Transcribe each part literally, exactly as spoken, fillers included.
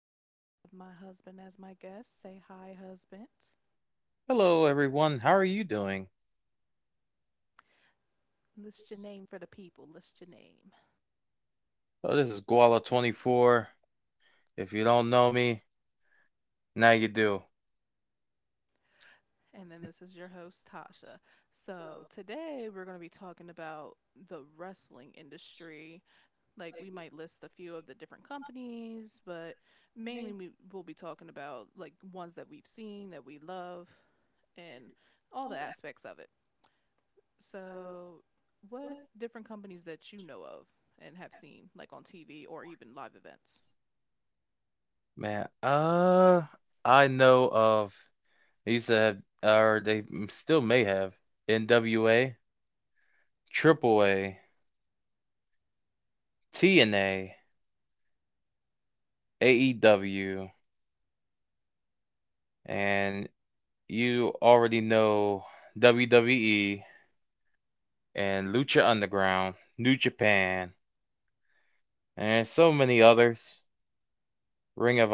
Today I have my husband as my guest. Say hi, husband. Morning. List your name for the people. List your name. If you me, now you do. And then this is your host, Tasha. So today we're going to be talking about the wrestling industry. Like, we might list a few of the different companies, but mainly we will be talking about like ones that we've seen, that we love, and all the aspects of it. So, what different companies that you know of and have seen, like on T V or even live events? Man, uh, I know of they used to have, or they still may have NWA, AAA, TNA, AEW, and you already know W W E and Lucha Underground, New Japan, and Ringer,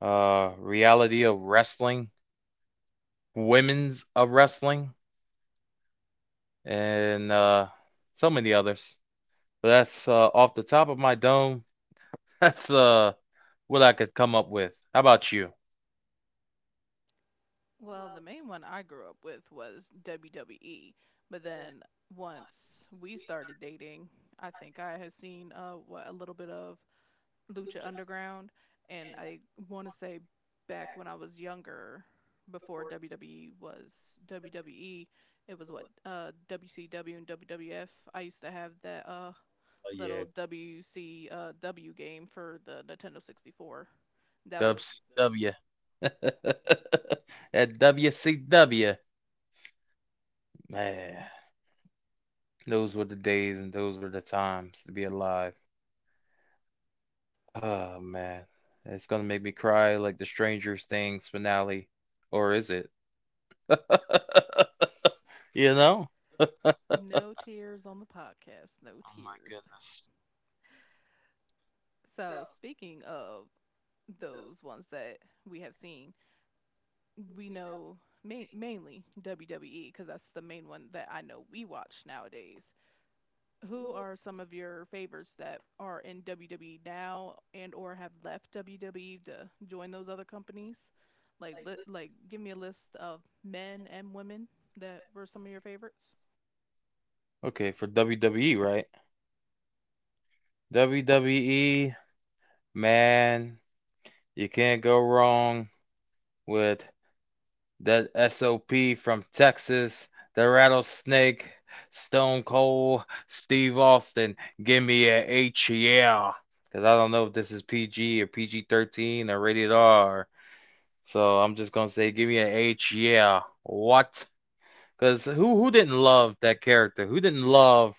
uh, Reality of Wrestling, Women's of Wrestling, and uh, so many others. But that's uh, off the top of my dome. That's uh, what I could come up with. How about you? Well, the main one I grew up with was W W E, but then once we started dating, I think I had seen uh what a little bit of Lucha Underground, and I want to say back when I was younger, before W W E was WWE, it was what uh, WCW and W W F. I used to have that uh, Oh yeah, little W C W uh, game for the Nintendo sixty-four. That was. W C W. At W C W, man, those were the days and those were the times to be alive. Oh man, it's gonna make me cry like the Stranger Things finale, or is it? You know? No tears on the podcast, no Oh my tears. goodness. So, So speaking of those those ones that we have seen, we we know ma- mainly W W E because that's the main one that I know we watch nowadays. know Who who are some of your favorites that are in W W E now and or have left W W E to join those other companies? Like like li- let's Like give me a list of men and women that were some of your favorites. okay, for W W E, right? W W E, man, you can't go wrong with that S O P from Texas, the rattlesnake, Stone Cold, Steve Austin. Give me an H, yeah. Because I don't know if this is P G or P G thirteen or rated R. So I'm just going to say, give me an H, yeah. What? Because who, who didn't love that character? Who didn't love,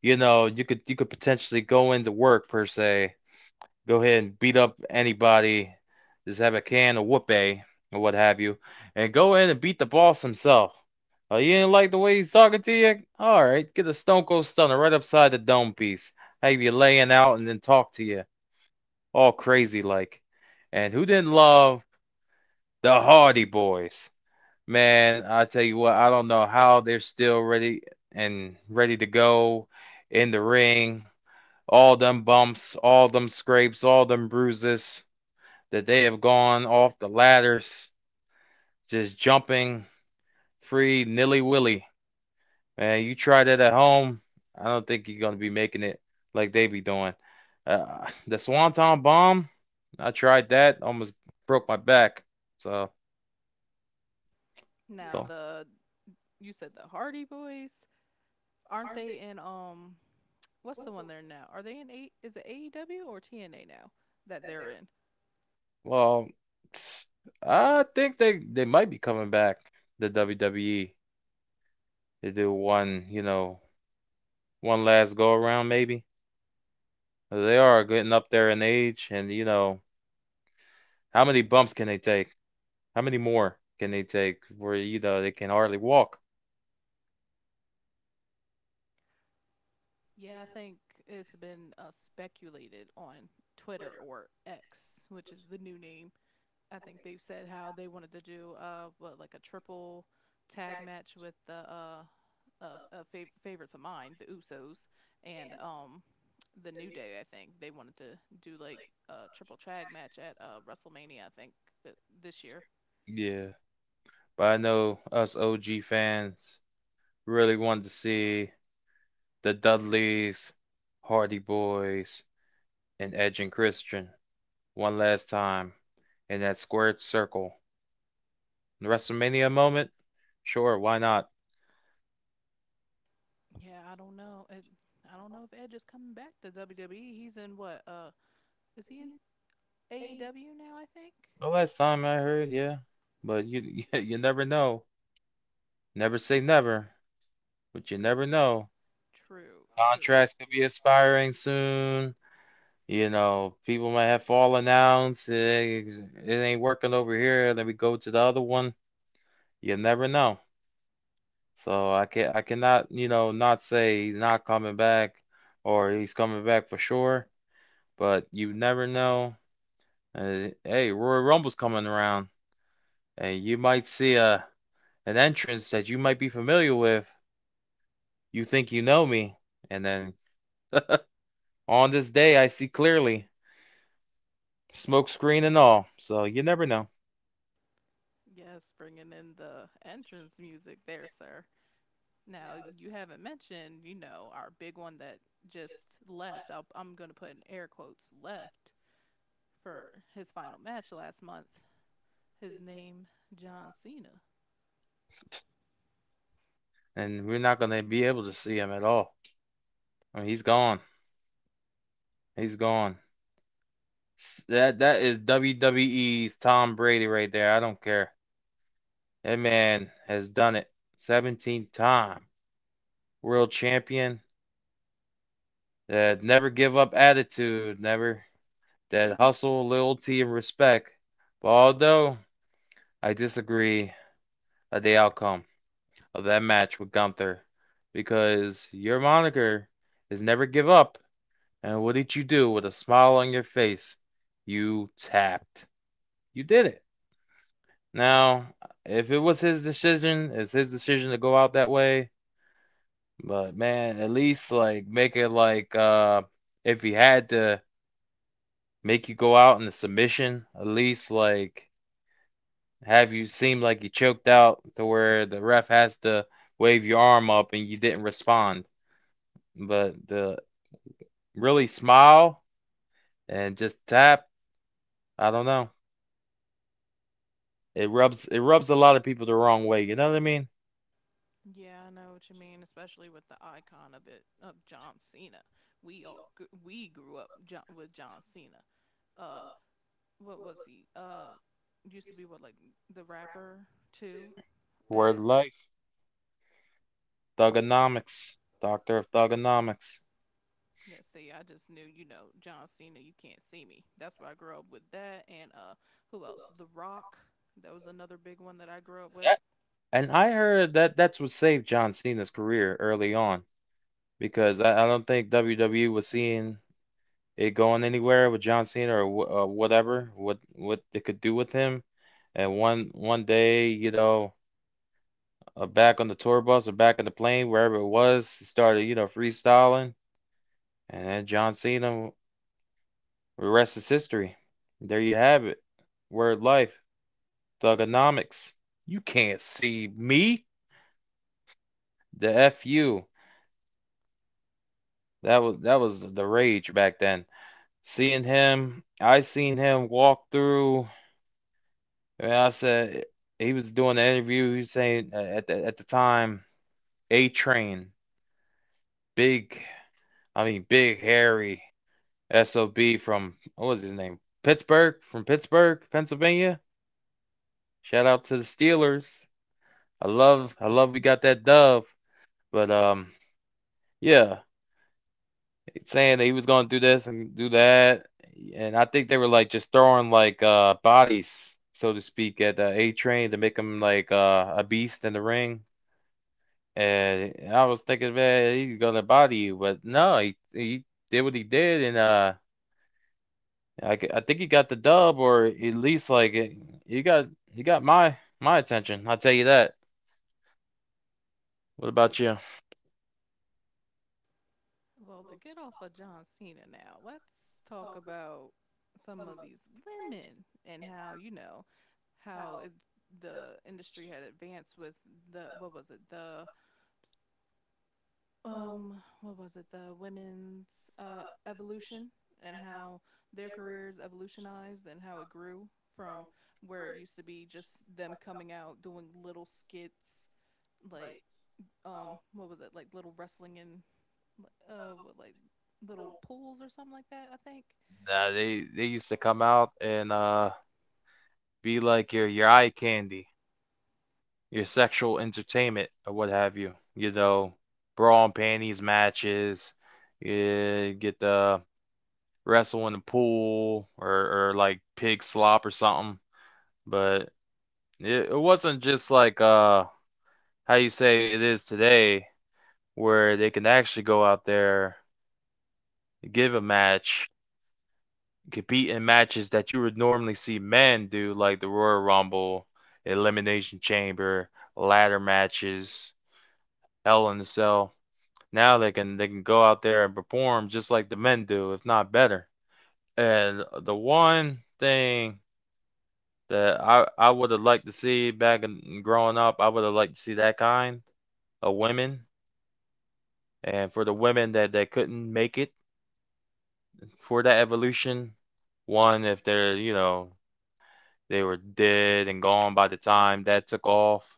you know, you could you could potentially go into work per se go ahead and beat up anybody. Just have a can of whoopee or what have you, and go in and beat the boss himself. Oh, you didn't like the way he's talking to you? All right, get a Stone Cold Stunner right upside the dome piece. Have you laying out and then talk to you all crazy like. And who didn't love the Hardy Boys? Man, I tell you what, I don't know how they're still ready and ready to go in the ring. All them bumps, all them scrapes, all them bruises that they have gone off the ladders, just jumping free nilly willy. Man, you try that at home, I don't think you're gonna be making it like they be doing. Uh, the Swanton bomb, I tried that, almost broke my back. So, no. Now so the you said the Hardy Boys, aren't they in um what's the one they're in now? Are they in a is it A E W or T N A now that they're in? Well, I think they they might be coming back the W W E to do one, you know, one last go around maybe. They are getting up there in age, and you know, how many bumps can they take? How many more can they take where, you know, they can hardly walk? Yeah, I think it's been uh, speculated on Twitter or X, which is the new name. I think they've said how they wanted to do uh what like a triple tag match with the uh, uh, uh fav- favorites of mine, the Usos, and um the New Day. I think they wanted to do like a triple tag match at uh WrestleMania. I think th- this year. Yeah. But I know us O G fans really wanted to see the Dudleys, Hardy Boys, and Edge and Christian one last time in that squared circle. The WrestleMania moment? Sure, why not? Yeah, I don't know. It, I don't know if Edge is coming back to W W E. He's in what? Uh, is he in A E W now? I think. The last time I heard, yeah. But you yeah, you never know. Never say never, but you never know. True. Contra. True. Contracts could Contrast. be expiring soon. You know, people might have fallen outs. It, ain't- it ain't working over here. And then we go to the other one. You never know. So I can I cannot, you know, not say he's not coming back or he's coming back for sure. But you never know. Uh, hey, Royal Rumble's coming around, and you might see a an entrance that you might be familiar with. You think you know me, and then on this day I see clearly, smoke screen and all. So you never know. Yes, bringing in the entrance music there, sir. Now, you haven't mentioned, you know, our big one that just left. I'll, I'm going to put in air quotes left for his final match last month. His name, John Cena. And we're not going to be able to see him at all. I mean, he's gone. He's gone. That that is W W E's Tom Brady right there. I don't care. That man has done it seventeen time. World champion. That never give up attitude. Never that hustle, loyalty, and respect. But although I disagree of the outcome of that match with Gunther, because your moniker is never give up and what did you do with a smile on your face? You tapped. You did it. Now, if it was his decision, it's his decision to go out that way. But man, at least like make it like uh if he had to make you go out in the submission, at least like have you seem like you choked out to where the ref has to wave your arm up and you didn't respond. But the really smile and just tap, I don't know. It rubs it rubs a lot of people the wrong way. You know what I mean? Yeah, I know what you mean, especially with the icon of it of John Cena. We all gr- we grew up John, with John Cena. Uh, what was he? Uh, used to be what like the rapper too. World Word of life, thugonomics, doctor of thugonomics. Yeah, see, I just knew, you know, John Cena, you can't see me. That's why I grew up with that. And uh, who else? The Rock. That was another big one that I grew up with. That, and I heard that that's what saved John Cena's career early on because I, I don't think W W E was seeing it going anywhere with John Cena or wh- uh, whatever what what they could do with him. And one one day, you know, uh, back on the tour bus or back in the plane, wherever it was, he started, you know, freestyling. And then John Cena the rest is history. There you have it. Word life. Thugonomics. You can't see me. The F U. That was that was the rage back then. Seeing him, I seen him walk through. And I said he was doing the interview. He was saying uh, at the at the time, A Train, big, I mean big hairy sob from what was his name? Pittsburgh, from Pittsburgh, Pennsylvania. Shout out to the Steelers. I love I love we got that dub, but um yeah, saying that he was gonna do this and do that, and I think they were like just throwing like uh bodies, so to speak, at uh, A Train to make him like uh a beast in the ring. And I was thinking, man, he's gonna body you, but no, he he did what he did, and uh I I think he got the dub, or at least like he got he got my my attention. I'll tell you that. What about you? Well, to get off of John Cena now, let's talk about some of these women and how, you know, how it, the industry had advanced with the, what was it, the um what was it the women's uh evolution and how their careers evolutionized and how it grew from where it used to be just them coming out doing little skits like um what was it like little wrestling in uh what, like little pools or something like that, I think. Nah, they they used to come out and uh. be like your your eye candy, your sexual entertainment, or what have you. You know, bra and panties matches. You get the wrestle in the pool or or like pig slop or something. But it, it wasn't just like uh how you say it is today, where they can actually go out there, give a match, compete in matches that you would normally see men do, like the Royal Rumble, Elimination Chamber, ladder matches Hell in a Cell. Now they can they can go out there and perform just like the men do, if not better. And the one thing that I I would have liked to see back in growing up, I would have liked to see that kind of women. And for the women that that couldn't make it for that evolution, one if they're you know they were dead and gone by the time that took off,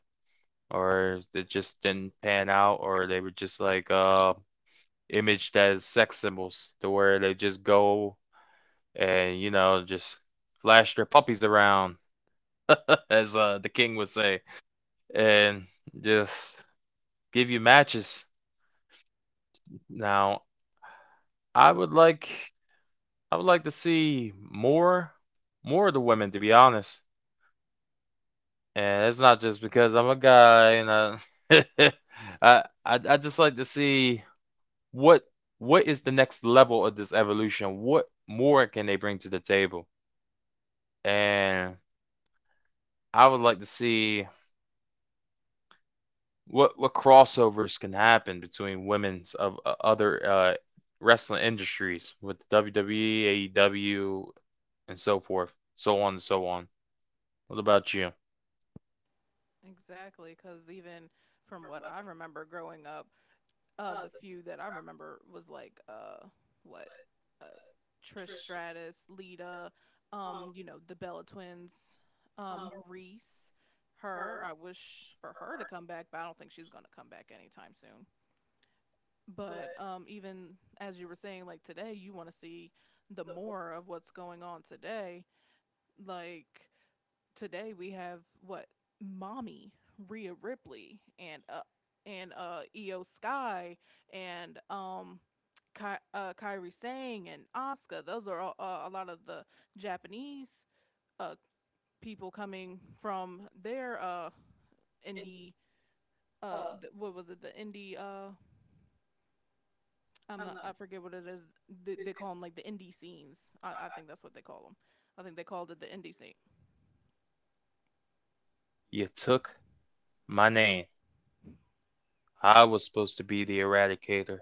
or it just didn't pan out, or they were just like uh imaged as sex symbols to where they just go and you know just flash their puppies around as uh, the king would say and just give you matches now i would like i would like to see more more of the women to be honest and it's not just because I'm a guy and I, I, I I just like to see what what is the next level of this evolution what more can they bring to the table and I would like to see what what crossovers can happen between women's of uh, other uh, wrestling industries with W W E, A E W, and so forth, so on and so on. What about you? Exactly, because even from what I remember growing up, uh the few that I remember was like uh what uh Trish Stratus, Lita, um, you know, the Bella twins, um, Maurice, her. I wish for her to come back, but I don't think she's gonna come back anytime soon. But um even as you were saying, like today you wanna see the more of what's going on today. Like today we have what mommy Rhea Ripley and uh and uh E O Sky and um Ky- uh, Kyrie Sang and Asuka. Those are all, uh, a lot of the Japanese uh people coming from their uh indie uh th- what was it, the indie uh I'm not, I forget what it is, they, they call them like the indie scenes. I, I think that's what they call them. I think they called it the indie scene. You took my name. I was supposed to be the eradicator,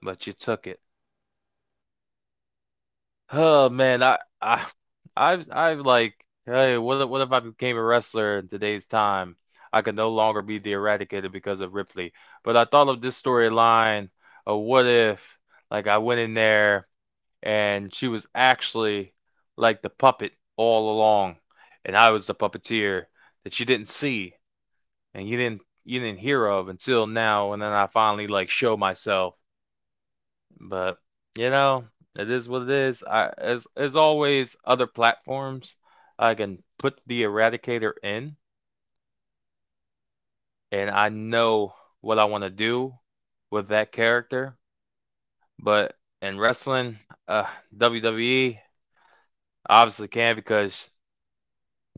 but you took it. Oh man, I I I've I've like hey, what if, what if I became a wrestler in today's time? I could no longer be the Eradicator because of Ripley. But I thought of this storyline of what if like I went in there and she was actually like the puppet all along, and I was the puppeteer that you didn't see and you didn't you didn't hear of until now, and then I finally like show myself. But you know, it is what it is. I as as always, other platforms I can put the Eradicator in, and I know what I want to do with that character. But in wrestling, uh, W W E obviously can because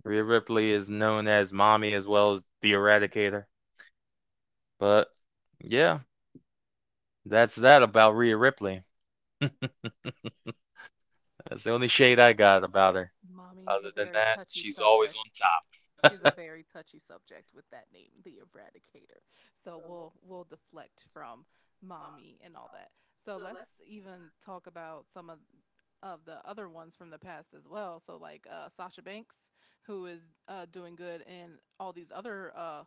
Rhea Ripley is known as Mommy as well as the Eradicator. But yeah, that's that about Rhea Ripley. That's the only shade I got about her. Mommy is a Other than very that, touchy she's always subject. on top. She's a very touchy subject with that name, the Eradicator. So we'll we'll deflect from mommy and all that. So let's even talk about some of, of the other ones from the past as well. So like uh, Sasha Banks, who is uh, doing good in all these other uh,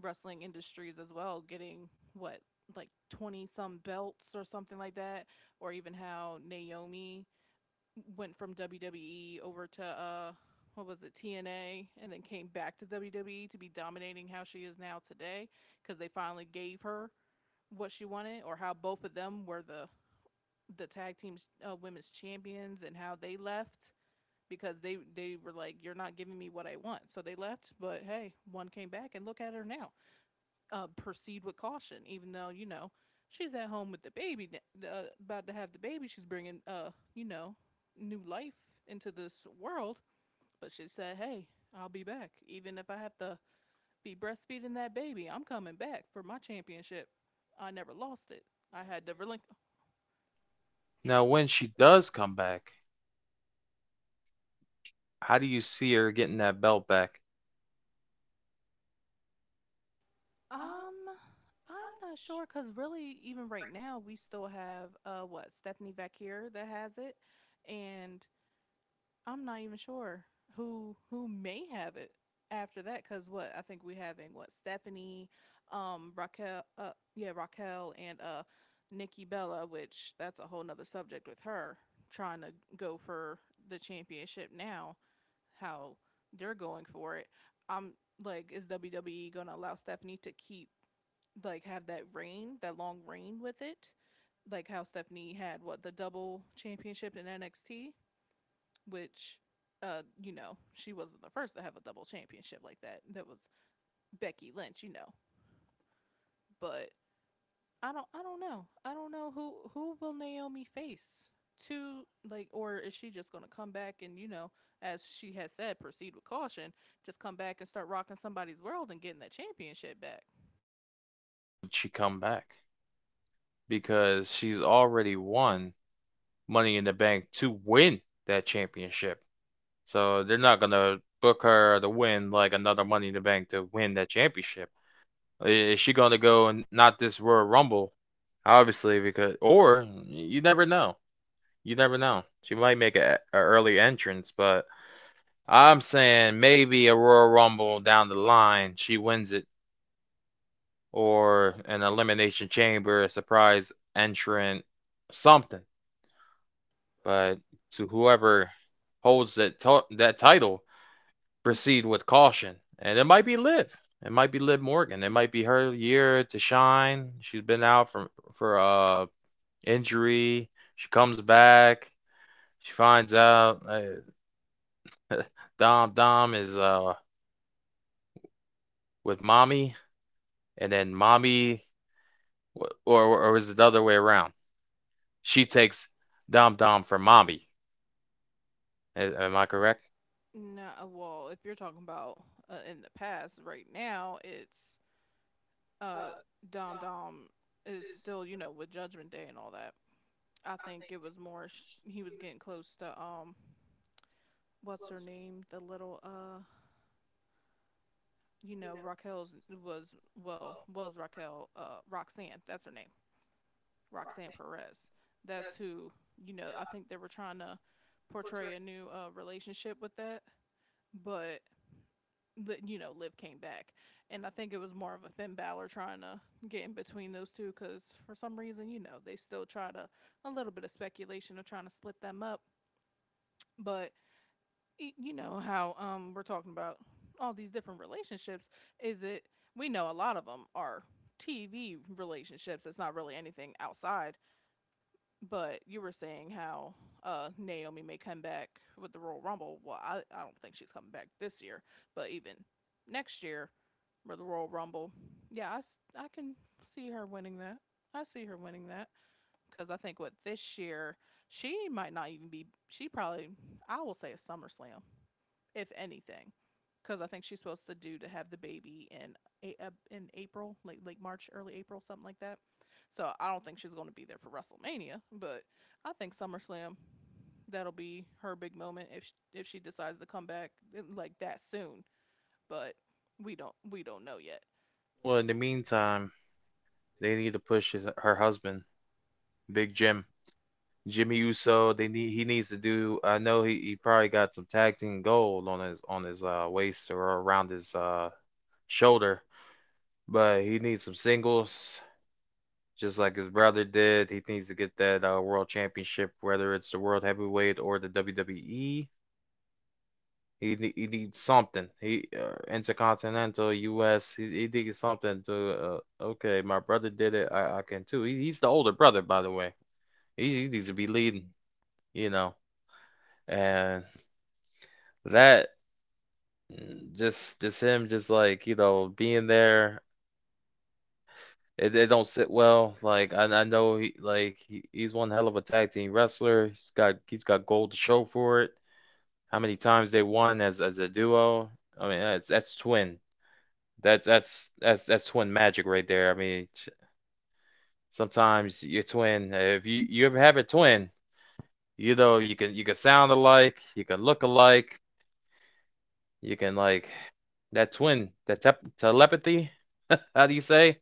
wrestling industries as well, getting what like twenty some belts or something like that, or even how Naomi went from W W E over to uh what was it, T N A, and then came back to W W E to be dominating how she is now today because they finally gave her what she wanted. Or how both of them were the the tag teams uh, women's champions and how they left because they they were like, "You're not giving me what I want," so they left. But hey, one came back and look at her now. Uh, proceed with caution. Even though, you know, she's at home with the baby, uh, about to have the baby. She's bringing, uh, you know, new life into this world. But she said, "Hey, I'll be back, even if I have to be breastfeeding that baby. I'm coming back for my championship. I never lost it. I had to relinquish." Now, when she does come back, how do you see her getting that belt back Um, I'm not sure, because really, even right now, we still have, uh, what, Stephanie Vacquier, that has it, and I'm not even sure who who may have it after that. Because what I think we having, what, Stephanie, um Raquel, uh yeah Raquel and uh Nikki Bella, which that's a whole nother subject with her trying to go for the championship now, how they're going for it. I'm like, is W W E gonna allow Stephanie to keep, like, have that reign, that long reign with it, like how Stephanie had, what, the double championship in N X T? Which, uh, you know, she wasn't the first to have a double championship like that. That was Becky Lynch, you know. But I don't I don't know. I don't know who who will Naomi face to, like, or is she just going to come back and, you know, as she has said, proceed with caution, just come back and start rocking somebody's world and getting that championship back. when she come back? Because she's already won Money in the Bank to win that championship. So they're not gonna book her to win like another Money in the Bank to win that championship. Is she gonna go and not this Royal Rumble? Obviously, because or you never know. You never know. She might make an early entrance, but I'm saying maybe a Royal Rumble down the line, she wins it or an elimination chamber, a surprise entrant, something. But to whoever holds that that title, proceed with caution. And it might be Liv. It might be Liv Morgan. It might be her year to shine. She's been out from for uh injury. She comes back. She finds out uh, Dom Dom is uh with mommy, and then mommy, or or is it the other way around? She takes Dom Dom for mommy. A- Am I correct? Nah, well, if you're talking about uh, in the past, right now it's uh Dom Dom is still, you know, with Judgment Day and all that. I think it was more sh- he was getting close to um what's her name, the little uh you know, Raquel's, was, well, was Raquel, uh Roxanne, that's her name, Roxanne Perez. That's who, you know, I think they were trying to portray a new uh relationship with that. But you know, Liv came back, and I think it was more of a Finn Balor trying to get in between those two, cuz for some reason, you know, they still try to, a little bit of speculation of trying to split them up. But y- you know how, um we're talking about all these different relationships, is it, we know a lot of them are TV relationships, it's not really anything outside. But you were saying how uh Naomi may come back with the Royal Rumble. Well i, I don't think she's coming back this year, but even next year with the Royal Rumble, yeah, i, s- I can see her winning that. I see her winning that, because I think with this year, she might not even be, she probably, I will say a SummerSlam, if anything, because I think she's supposed to do to have the baby in a, uh, in April, late late March, early April, something like that. So I don't think she's going to be there for WrestleMania, but I think SummerSlam, that'll be her big moment if she if she decides to come back, eh, like that soon. But we don't we don't know yet. Well, in the meantime, they need to push his, her husband, Big Jim, Jimmy Uso. They need He needs to do. I know he, he probably got some tag team gold on his on his uh, waist or around his uh, shoulder, but he needs some singles, just like his brother did. He needs to get that uh, world championship, whether it's the world heavyweight or the W W E. He ne- he needs something. He uh, intercontinental U S. He, he needs something to. Uh, okay, my brother did it. I, I can too. He, he's the older brother, by the way. He, he needs to be leading, you know. And that mm, just just him just like you know being there. It, it don't sit well. Like I, I know he like he, he's one hell of a tag team wrestler. He's got he's got gold to show for it. How many times they won as as a duo? I mean that's that's twin. That's that's that's that's twin magic right there. I mean, sometimes your twin, uh, if you you ever have a twin, you know you can you can sound alike, you can look alike, you can like that twin, that tep telepathy. How do you say?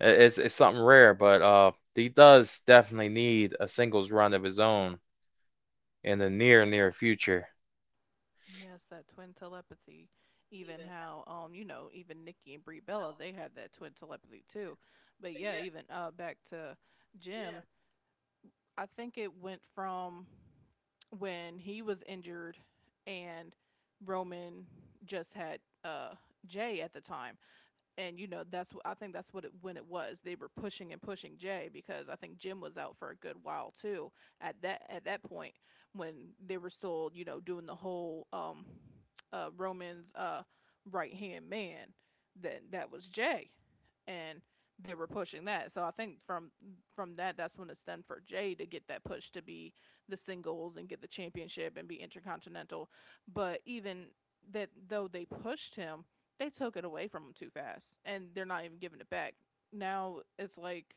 It's it's something rare, but uh, he does definitely need a singles run of his own in the near near future. Yes, that twin telepathy. Even how, um you know, even Nikki and Brie Bella, they had that twin telepathy too. But yeah, even uh back to Jim. I think it went from when he was injured, and Roman just had uh Jay at the time. And you know that's what I think that's what it, when it was they were pushing and pushing Jay because I think Jim was out for a good while too at that at that point, when they were still you know doing the whole um uh Roman's uh right hand man, then that was Jay. And they were pushing that, so I think from from that that's when it's done for Jay to get that push to be the singles and get the championship and be intercontinental. But even that though they pushed him, they took it away from them too fast and they're not even giving it back. Now it's like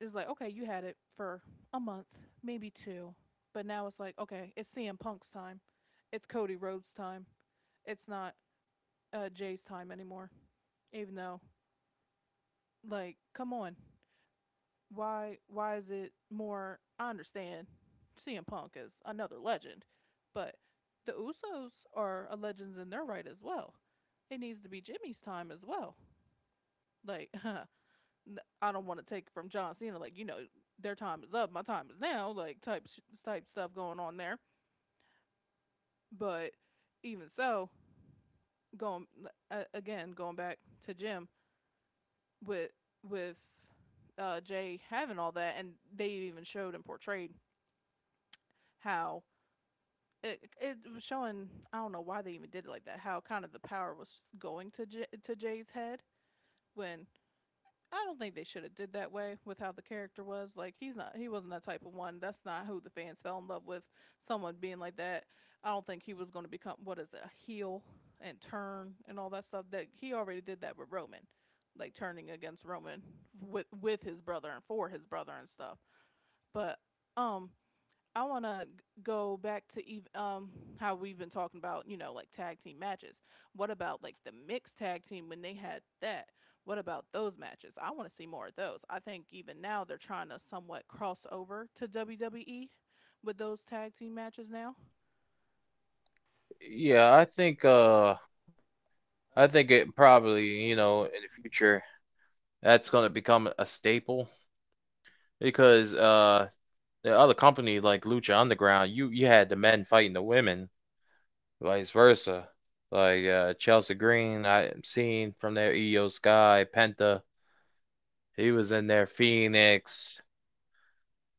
it's like okay, you had it for a month, maybe two, but now it's like okay, it's C M Punk's time, it's Cody Rhodes' time, it's not uh, Jay's time anymore. Even though, like, come on, why why is it more? I understand C M Punk is another legend, but the Usos are a legends in their right as well. It needs to be Jimmy's time as well. Like I I don't want to take from John Cena. Like you know, their time is up, my time is now. Like type sh- type stuff going on there. But even so, going uh, again, going back to Jim with with uh, Jay having all that, and they even showed and portrayed how it it was showing. I don't know why they even did it like that. How kind of the power was going to J- to Jay's head. When I don't think they should have did that way with how the character was. Like he's not he wasn't that type of one. That's not who the fans fell in love with. Someone being like that. I don't think he was going to become what is it, a heel and turn and all that stuff. That he already did that with Roman, like turning against Roman with with his brother and for his brother and stuff. But um I want to go back to ev- um how we've been talking about, you know, like tag team matches. What about like the mixed tag team when they had that? What about those matches? I want to see more of those. I think even now they're trying to somewhat cross over to W W E with those tag team matches now. Yeah, I think uh, I think it probably you know in the future that's gonna become a staple because uh the other company like Lucha Underground, you you had the men fighting the women, vice versa. Like uh, Chelsea Green, I'm seeing from there. Io Sky, Penta, he was in there. Phoenix.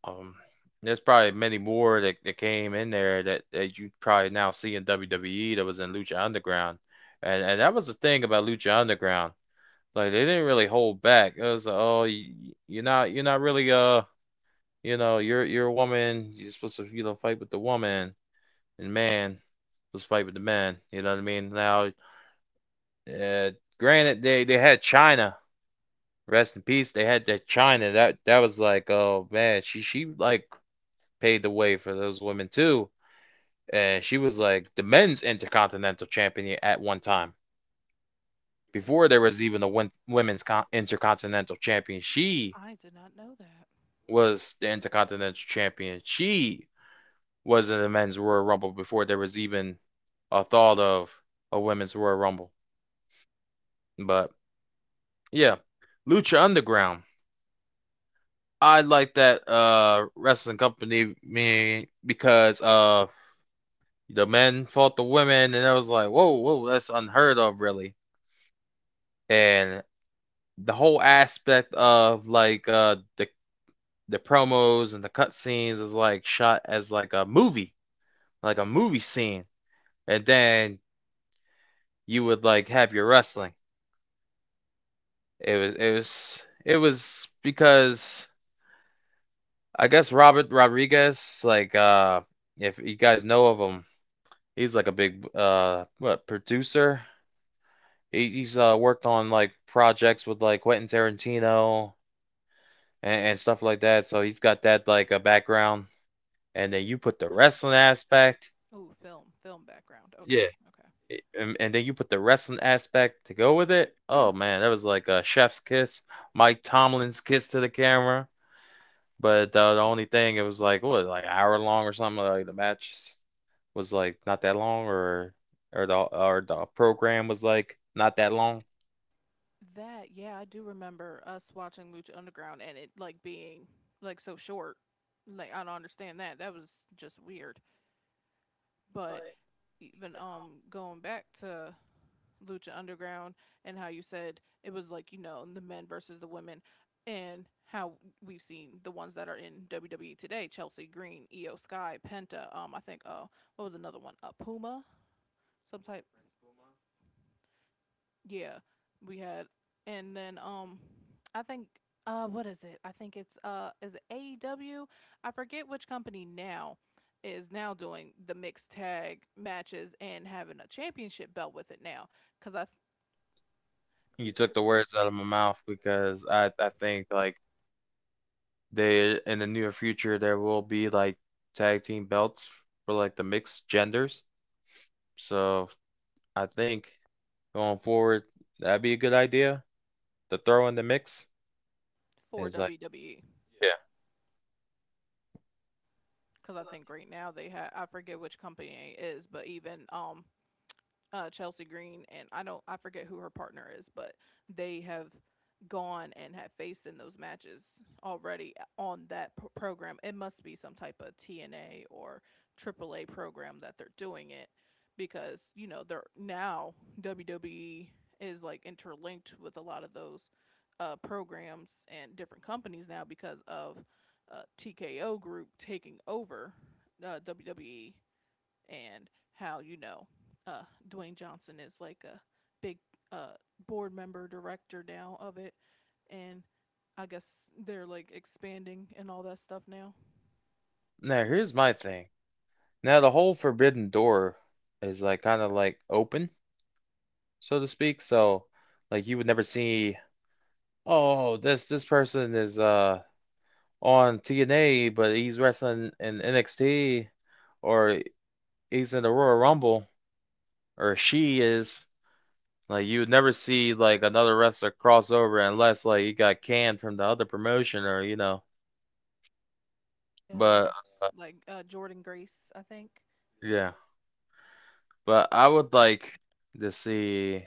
Um, there's probably many more that, that came in there that, that you probably now see in W W E that was in Lucha Underground, and and that was the thing about Lucha Underground. Like they didn't really hold back. It was like, oh, you, you're not you're not really uh you know you're you're a woman. You're supposed to you know fight with the woman, and man let's fight with the man. You know what I mean? Now, uh, granted, they they had China. Rest in peace. They had that China. That that was like, oh man, she she like paved the way for those women too, and she was like the men's intercontinental champion at one time. Before there was even a women's con- intercontinental champion, she I did not know that. was the intercontinental champion. She was in the men's Royal Rumble before there was even a thought of a women's Royal Rumble. But yeah. Lucha Underground. I like that uh wrestling company me because uh the men fought the women and I was like, whoa, whoa, that's unheard of really. And the whole aspect of like uh the the promos and the cutscenes is like shot as like a movie, like a movie scene. And then you would like have your wrestling. It was it was it was because I guess Robert Rodriguez, like uh if you guys know of him, he's like a big uh what producer. He, he's uh worked on like projects with like Quentin Tarantino and, and stuff like that. So he's got that like a background. And then you put the wrestling aspect. Oh, film, film background. Okay, Yeah. okay. i- And, and then you put the wrestling aspect to go with it. Oh man, that was like a chef's kiss, Mike Tomlin's kiss to the camera. But uh, the only thing, it was like what, like an hour long or something, like the matches. Was like not that long or or the or the program was like not that long. That, yeah, I do remember us watching Lucha Underground and it like being like so short. Like I don't understand that. That was just weird. But even um going back to Lucha Underground, and how you said it was like you know the men versus the women, and how we've seen the ones that are in W W E today: Chelsea Green, Io Sky, Penta. Um, I think uh, what was another one? Uh, Puma, some type, yeah, we had, and then um, I think uh, what is it? I think it's uh, is it A E W? I forget which company now is now doing the mixed tag matches and having a championship belt with it now, cause I, c- You took the words out of my mouth because I I think like they in the near future there will be like tag team belts for like the mixed genders. So I think going forward that'd be a good idea to throw in the mix. for Is like W W E, yeah. cause I think right now they have I forget which company it is, but even um uh, Chelsea Green and I don't I forget who her partner is, but they have gone and have faced in those matches already on that p- program. It must be some type of T N A or A A A program that they're doing it because you know they're now W W E is like interlinked with a lot of those uh, programs and different companies now because of uh, T K O Group taking over uh, W W E. And how you know uh, Dwayne Johnson is like a big uh, board member director now of it, and I guess they're like expanding and all that stuff now. Now here's my thing. Now the whole forbidden door is like kind of like open, so to speak. So like you would never see, oh, this this person is uh on T N A, but he's wrestling in N X T, or he's in the Royal Rumble, or she is. Like you would never see like another wrestler cross over unless like he got canned from the other promotion or you know. But And like uh, Jordan Grace, I think yeah, but I would like to see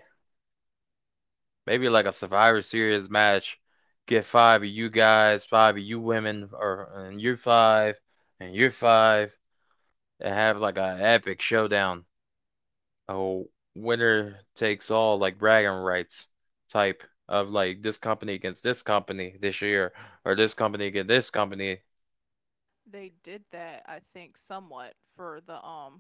maybe like a Survivor Series match. Get five of you guys, five of you women, or and you're five, and you're five, and have like a epic showdown. A winner takes all like bragging rights type of like this company against this company this year or this company against this company. they did that. I think somewhat for the um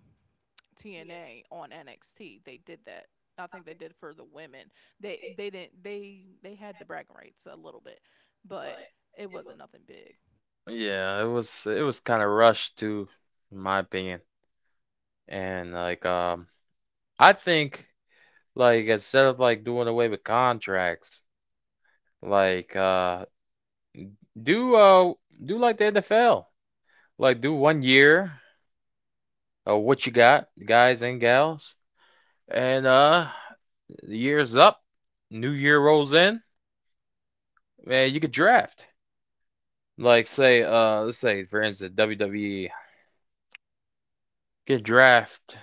T N A on N X T, they did that. I think they did for the women. They they didn't they they had the bragging rights a little bit, but it wasn't nothing big. Yeah, it was it was kind of rushed too, in my opinion. And like um I think like instead of like doing away with contracts, like uh do uh do like the N F L. Like do one year of what you got, guys and gals. And uh the year's up, new year rolls in. Man, you could draft. Like say, uh, let's say for instance, W W E could draft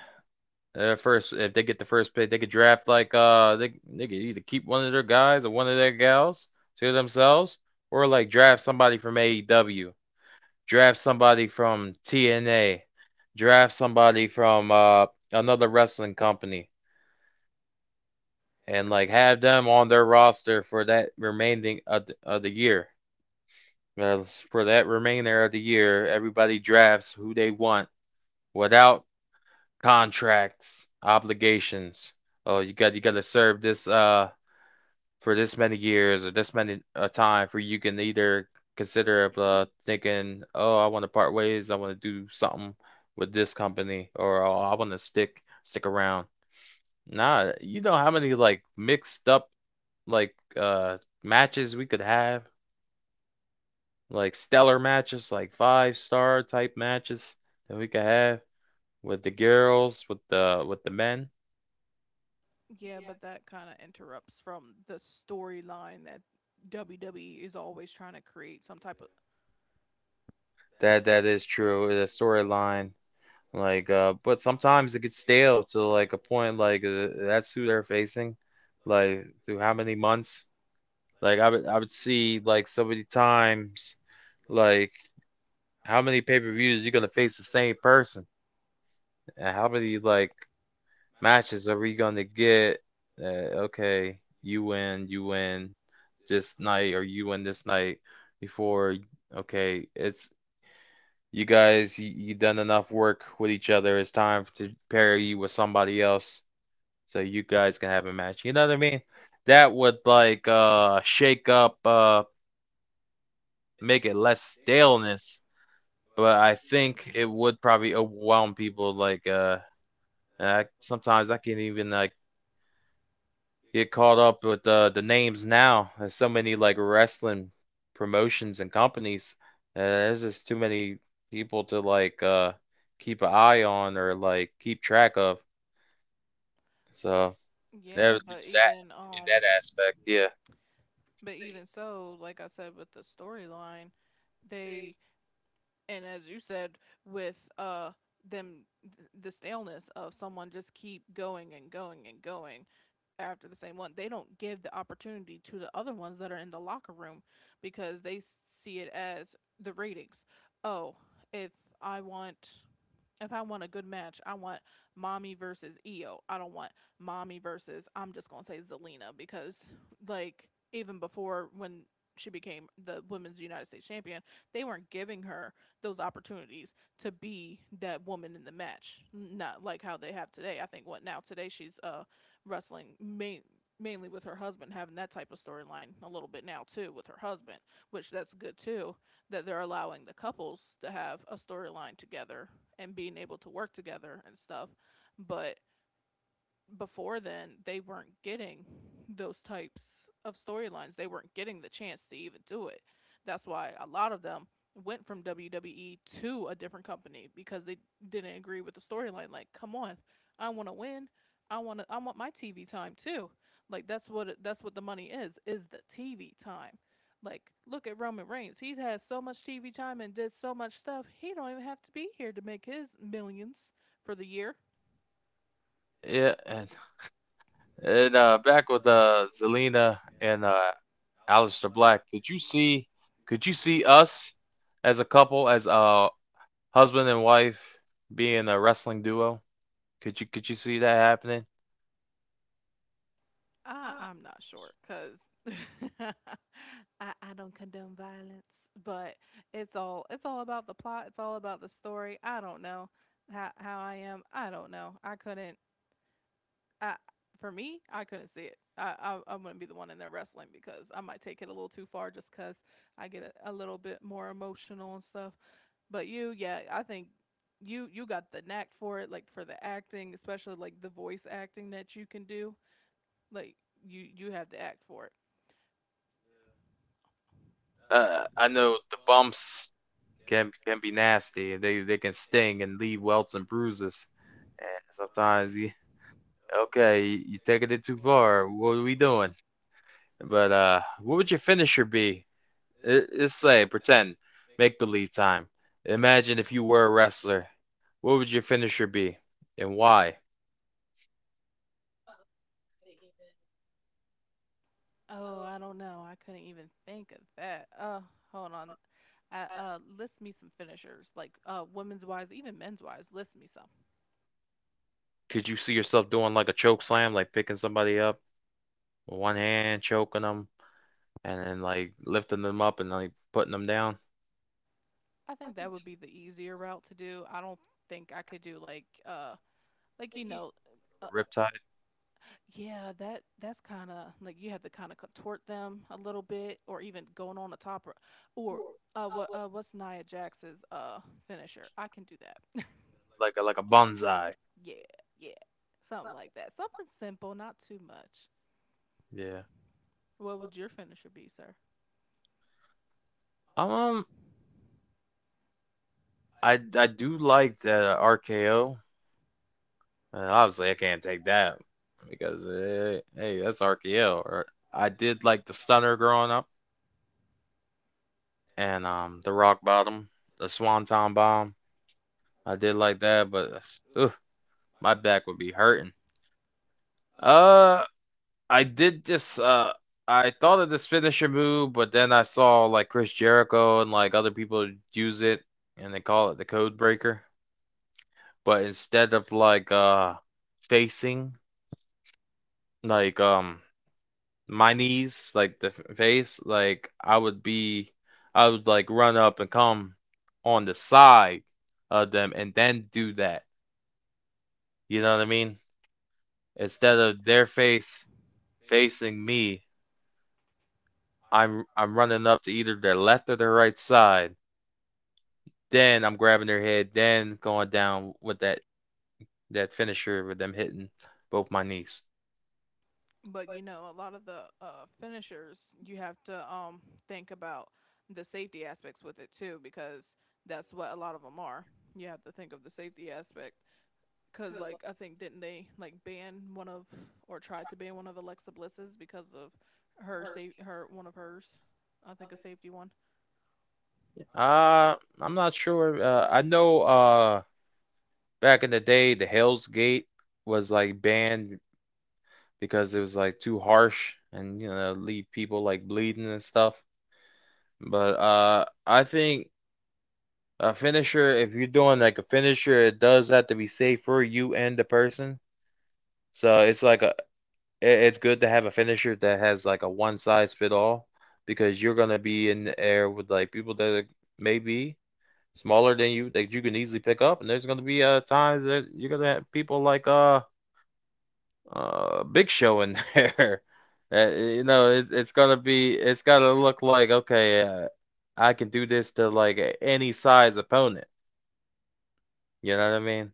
their first if they get the first pick, they could draft like uh they they could either keep one of their guys or one of their gals to themselves, or like draft somebody from A E W, draft somebody from T N A, draft somebody from uh another wrestling company, and like have them on their roster for that remaining of the, of the year. Well, for that remainder of the year, everybody drafts who they want without contracts, obligations. Oh, you got you got to serve this uh for this many years or this many uh, time for you can either consider uh thinking, oh, I want to part ways, I want to do something with this company, or oh, I want to stick stick around. Nah, you know how many like mixed up like uh matches we could have, like stellar matches, like five star type matches that we could have with the girls, with the with the men. Yeah, but that kind of interrupts from the storyline that W W E is always trying to create some type of. That that is true. The storyline, like, uh, but sometimes it gets stale to like a point, like uh, that's who they're facing, like through how many months? Like I would I would see like so many times, like how many pay-per-views you gonna face the same person, and how many like matches are we gonna get? Uh, okay, you win, you win this night, or you win this night before. Okay, it's you guys you, you done enough work with each other. It's time to pair you with somebody else so you guys can have a match. You know what I mean? That would like uh shake up uh make it less staleness, but I think it would probably overwhelm people like uh I, sometimes I can not even like get caught up with uh, the names now. There's so many like wrestling promotions and companies. Uh, there's just too many people to like uh, keep an eye on or like keep track of. So never Yeah, but lose that even in um, that aspect. Yeah, but even so, like I said with the storyline, they and as you said with uh them the staleness of someone just keep going and going and going after the same one. They don't give the opportunity to the other ones that are in the locker room because they see it as the ratings. Oh, if i want if I want a good match, I want mommy versus Io. I don't want mommy versus, I'm just going to say zelina, because like even before when she became the women's United States champion, they weren't giving her those opportunities to be that woman in the match, not like how they have today. I think what now today she's uh wrestling main mainly with her husband, having that type of storyline a little bit now too with her husband, which that's good too, that they're allowing the couples to have a storyline together and being able to work together and stuff. But before then they weren't getting those types of storylines. They weren't getting the chance to even do it. That's why a lot of them went from W W E to a different company because they didn't agree with the storyline. Like, come on, I want to win. I want to. I want my T V time too. Like that's what it, that's what the money is is the T V time. Like look at Roman Reigns. He has so much T V time and did so much stuff. He don't even have to be here to make his millions for the year. yeah, and and uh, back with uh, Zelina and uh, Alistair Black. Could you see? Could you see us as a couple, as a husband and wife, being a wrestling duo? Could you could you see that happening? I, I'm not sure because I, I don't condone violence, but it's all it's all about the plot. It's all about the story. I don't know how how I am. I don't know. I couldn't. I for me, I couldn't see it. I I, I wouldn't be the one in there wrestling because I might take it a little too far, just because I get a, a little bit more emotional and stuff. But you, yeah, I think you you got the knack for it, like for the acting, especially like the voice acting that you can do. Like you you have the act for it. uh, I know the bumps can can be nasty. They they can sting and leave welts and bruises. And sometimes you, okay, you, you taking it too far. What are we doing? But uh, what would your finisher be? Let- Let's say pretend make believe time. Imagine if you were a wrestler. What would your finisher be, and why? Oh, I don't know. I couldn't even think of that. Uh, hold on. Uh, uh list me some finishers, like uh, women's wise, even men's wise. List me some. Could you see yourself doing like a choke slam, like picking somebody up with one hand, choking them, and then like lifting them up and like putting them down, I think that would be the easier route to do. I don't think I could do like uh, like you know, the uh, riptide? yeah, that that's kind of like you have to kind of contort them a little bit, or even going on the top, or, or uh, what uh, what's Nia Jax's uh finisher? I can do that. Like a like a bonsai. Yeah, yeah, something like that. Something simple, not too much. Yeah. What would your finisher be, sir? Um, um, I I do like the R K O. Uh, obviously, I can't take that because eh, hey, that's R K O. Or I did like the stunner growing up, and um, the rock bottom, the swanton bomb. I did like that, but ugh, my back would be hurting. Uh, I did just uh. I thought of this finisher move, but then I saw like Chris Jericho and like other people use it, and they call it the code breaker. But instead of like uh facing like um my knees like the f- face like I would be I would like run up and come on the side of them and then do that you know what I mean Instead of their face facing me, I'm I'm running up to either their left or their right side, then I'm grabbing their head then going down with that that finisher with them hitting both my knees. But you know, a lot of the uh, finishers, you have to um, think about the safety aspects with it too, because that's what a lot of them are. You have to think of the safety aspect, because like I think didn't they like ban one of or tried to ban one of Alexa Bliss's because of her safe her one of hers, I think a safety one. Uh, I'm not sure. Uh, I know uh back in the day the Hell's Gate was like banned because it was like too harsh and you know leave people like bleeding and stuff. But uh I think a finisher, if you're doing like a finisher, it does have to be safe for you and the person. So it's like a i- it's good to have a finisher that has like a one size fit all, because you're gonna be in the air with like people that are maybe smaller than you that you can easily pick up. And there's going to be uh, times that you're going to have people like uh, uh, Big Show in there. Uh, you know, it, it's going to be, it's got to look like, okay, uh, I can do this to like any size opponent. You know what I mean?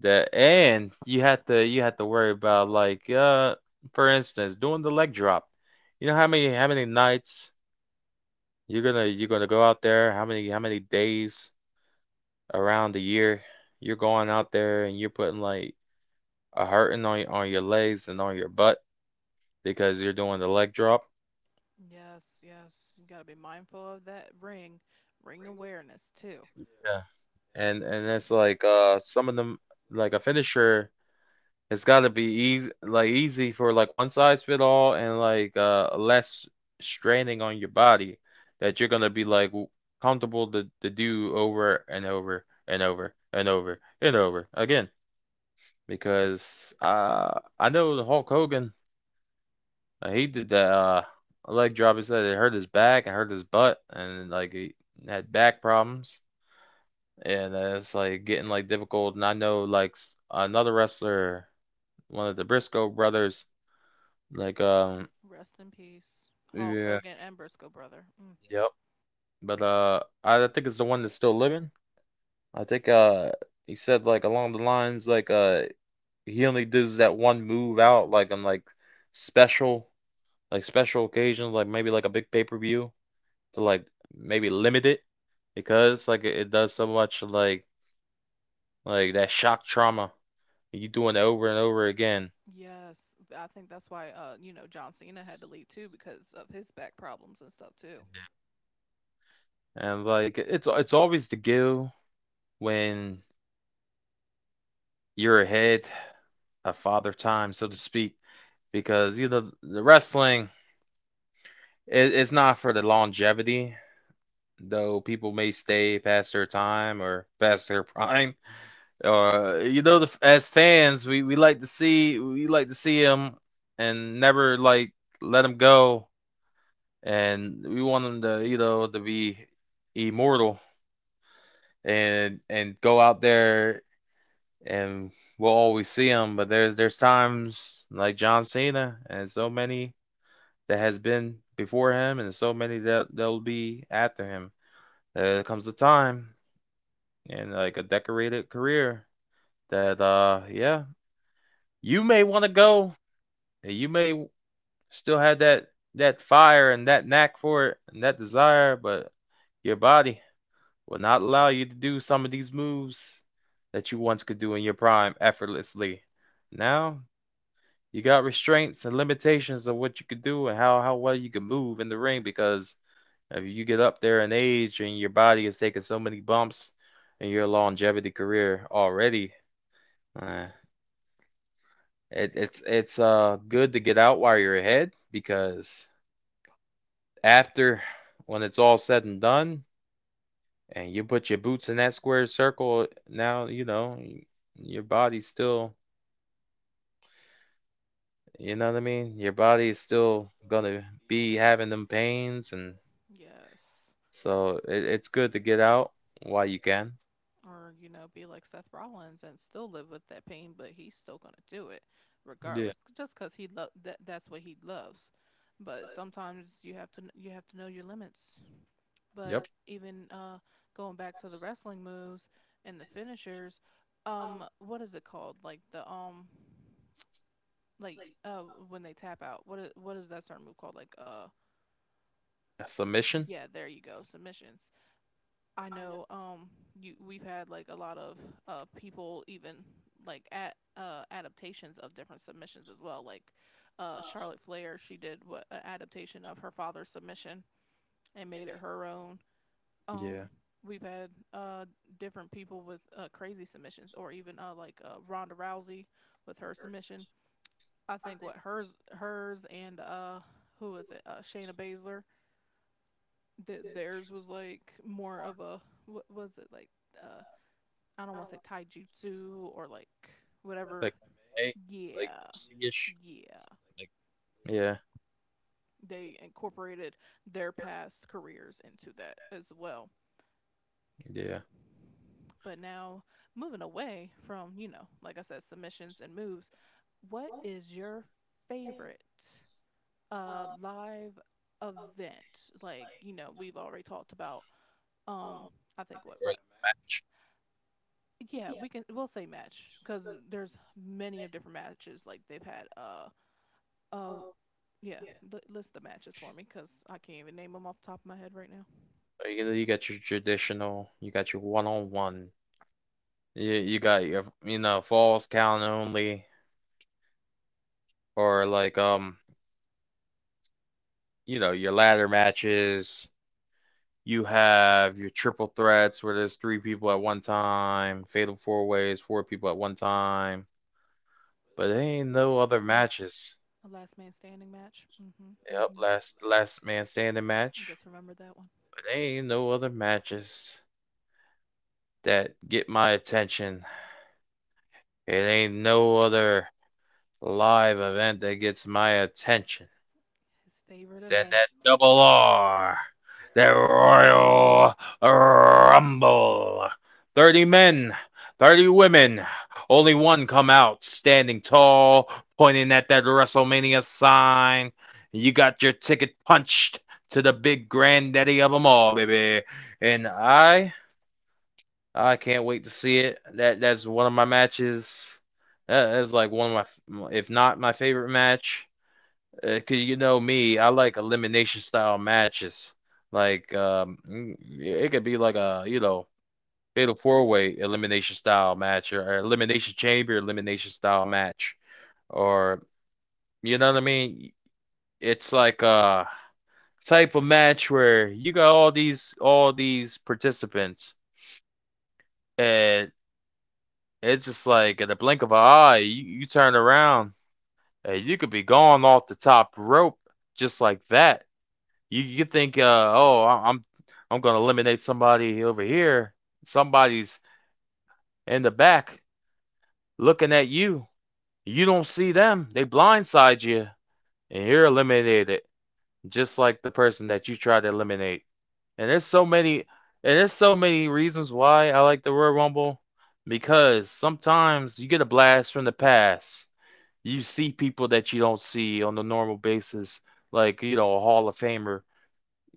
That, and you have to you have to worry about like uh for instance doing the leg drop. You know how many how many nights you're gonna you're gonna go out there? How many how many days around the year you're going out there and you're putting like a hurting on on your legs and on your butt because you're doing the leg drop. Yes, yes, you gotta be mindful of that ring, ring awareness too. Yeah. And and it's like uh some of them, like a finisher, it's got to be easy, like easy for like one size fit all, and like uh less straining on your body, that you're gonna be like w- comfortable to to do over and over and over and over and over again. Because uh I know the Hulk Hogan, like, he did that uh, leg drop. He said it hurt his back and hurt his butt, and like he had back problems. And uh, it's like getting like difficult. And I know like another wrestler, one of the Briscoe brothers, like um Rest in peace, Hulk yeah, Hogan and Briscoe brother. Mm. yep. But uh, I think it's the one that's still living. I think uh he said like along the lines like uh he only does that one move out like on like special, like special occasions, like maybe like a big pay per view, to like maybe limit it, because like it it does so much like like that shock trauma. You doing it over and over again. Yes, th- I think that's why uh you know John Cena had to leave too because of his back problems and stuff too. And like it's it's always the guilt when you're ahead of father time, so to speak, because you know the wrestling, it, it's not for the longevity, though people may stay past their time or past their prime. Or you know, the, as fans, we, we like to see we like to see him and never like let him go, and we want him to you know to be immortal and and go out there and we'll always see him. But there's there's times like John Cena and so many that has been before him, and so many that that'll be after him. There comes a time and like a decorated career that uh yeah, you may want to go, you may still have that that fire and that knack for it and that desire, but your body will not allow you to do some of these moves that you once could do in your prime effortlessly. Now you got restraints and limitations of what you could do and how how well you can move in the ring, because if you get up there in age and your body is taking so many bumps in your longevity career already, uh, it, it's it's uh good to get out while you're ahead, because after, when it's all said and done and you put your boots in that square circle, now you know your body's still, you know what I mean, your body is still gonna be having them pains. And Yes. so it, it's good to get out while you can. Or you know be like Seth Rollins and still live with that pain, but he's still going to do it Yeah, regardless, just cuz he lo- that that's what he loves. But sometimes you have to kn- you have to know your limits. But yep. even uh going back to the wrestling moves and the finishers, um what is it called? Like the um like uh when they tap out. What is, what is that certain move called? Like uh. A submission. Yeah, there you go, submissions. I know um you we've had like a lot of uh people even like at uh adaptations of different submissions as well, like uh Charlotte Flair, she did what an adaptation of her father's submission and made it her own. um Yeah, we've had uh different people with uh crazy submissions, or even uh like uh Ronda Rousey with her submission. I think what hers hers and uh who is it uh Shayna Baszler, th- theirs was like more of a what was it like uh I don't want to say taijutsu or like whatever. like hey, like Yeah. see-ish, Yeah. like yeah. They incorporated their past careers into that as well. Yeah, But now moving away from, you know, like I said, submissions and moves, what is your favorite uh live event? Like, you know, we've already talked about um I think what right, match. yeah, we can we'll say match because there's many of different matches like they've had. Uh, uh, yeah, li- list the matches for me because I can't even name them off the top of my head right now. Or you know, you got your traditional, you got your one-on-one, you, you got your you know falls count only, or like um you know your ladder matches, you have your triple threats where there's three people at one time, fatal four ways, four people at one time. But there ain't no other No, matches. a last man standing match. Mm-hmm. Yep, Mm-hmm. last last man standing I match. just remember that one. But there ain't no other matches that get my attention. It ain't no other live event that gets my attention. His favorite Then event. that double R, that Royal Rumble. Thirty men, thirty women. Only one come out standing tall, pointing at that WrestleMania sign. You got your ticket punched to the big granddaddy of them all, baby. And I, I can't wait to see it. That that's one of my matches. That is like one of my, if not my favorite match. uh, Cause you know me, I like elimination style matches. Like um, mm, yeah, it could be like a you know fatal four way elimination style match, or or elimination chamber elimination style match, or you know what I mean. It's like a type of match where you got all these all these participants, and it's just like in the blink of an eye you, you turn around and you could be gone off the top rope, just like that. You you think, uh, oh, I- I'm I'm gonna eliminate somebody over here. Somebody's in the back looking at you. You don't see them. They blindside you, and you're eliminated, just like the person that you tried to eliminate. And there's so many, and there's so many reasons why I like the Royal Rumble, because sometimes you get a blast from the past. You see people that you don't see on the normal basis, like, you know, a Hall of Famer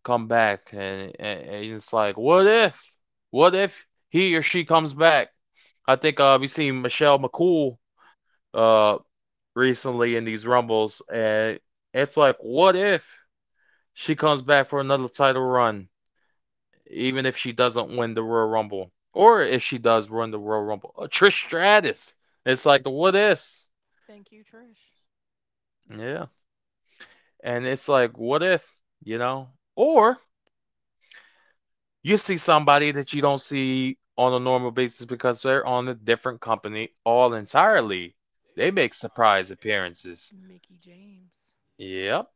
come back and, and, it's like what if, what if he or she comes back. I think uh we seen Michelle McCool uh recently in these rumbles, and it's like what if she comes back for another title run, even if she doesn't win the Royal Rumble, or if she does win the Royal Rumble. Uh, Trish Stratus, it's like the what ifs. Thank you, Trish. Yeah, and it's like what if, you know, or you see somebody that you don't see on a normal basis because they're on a different company all entirely. They make surprise appearances. Mickey James. Yep.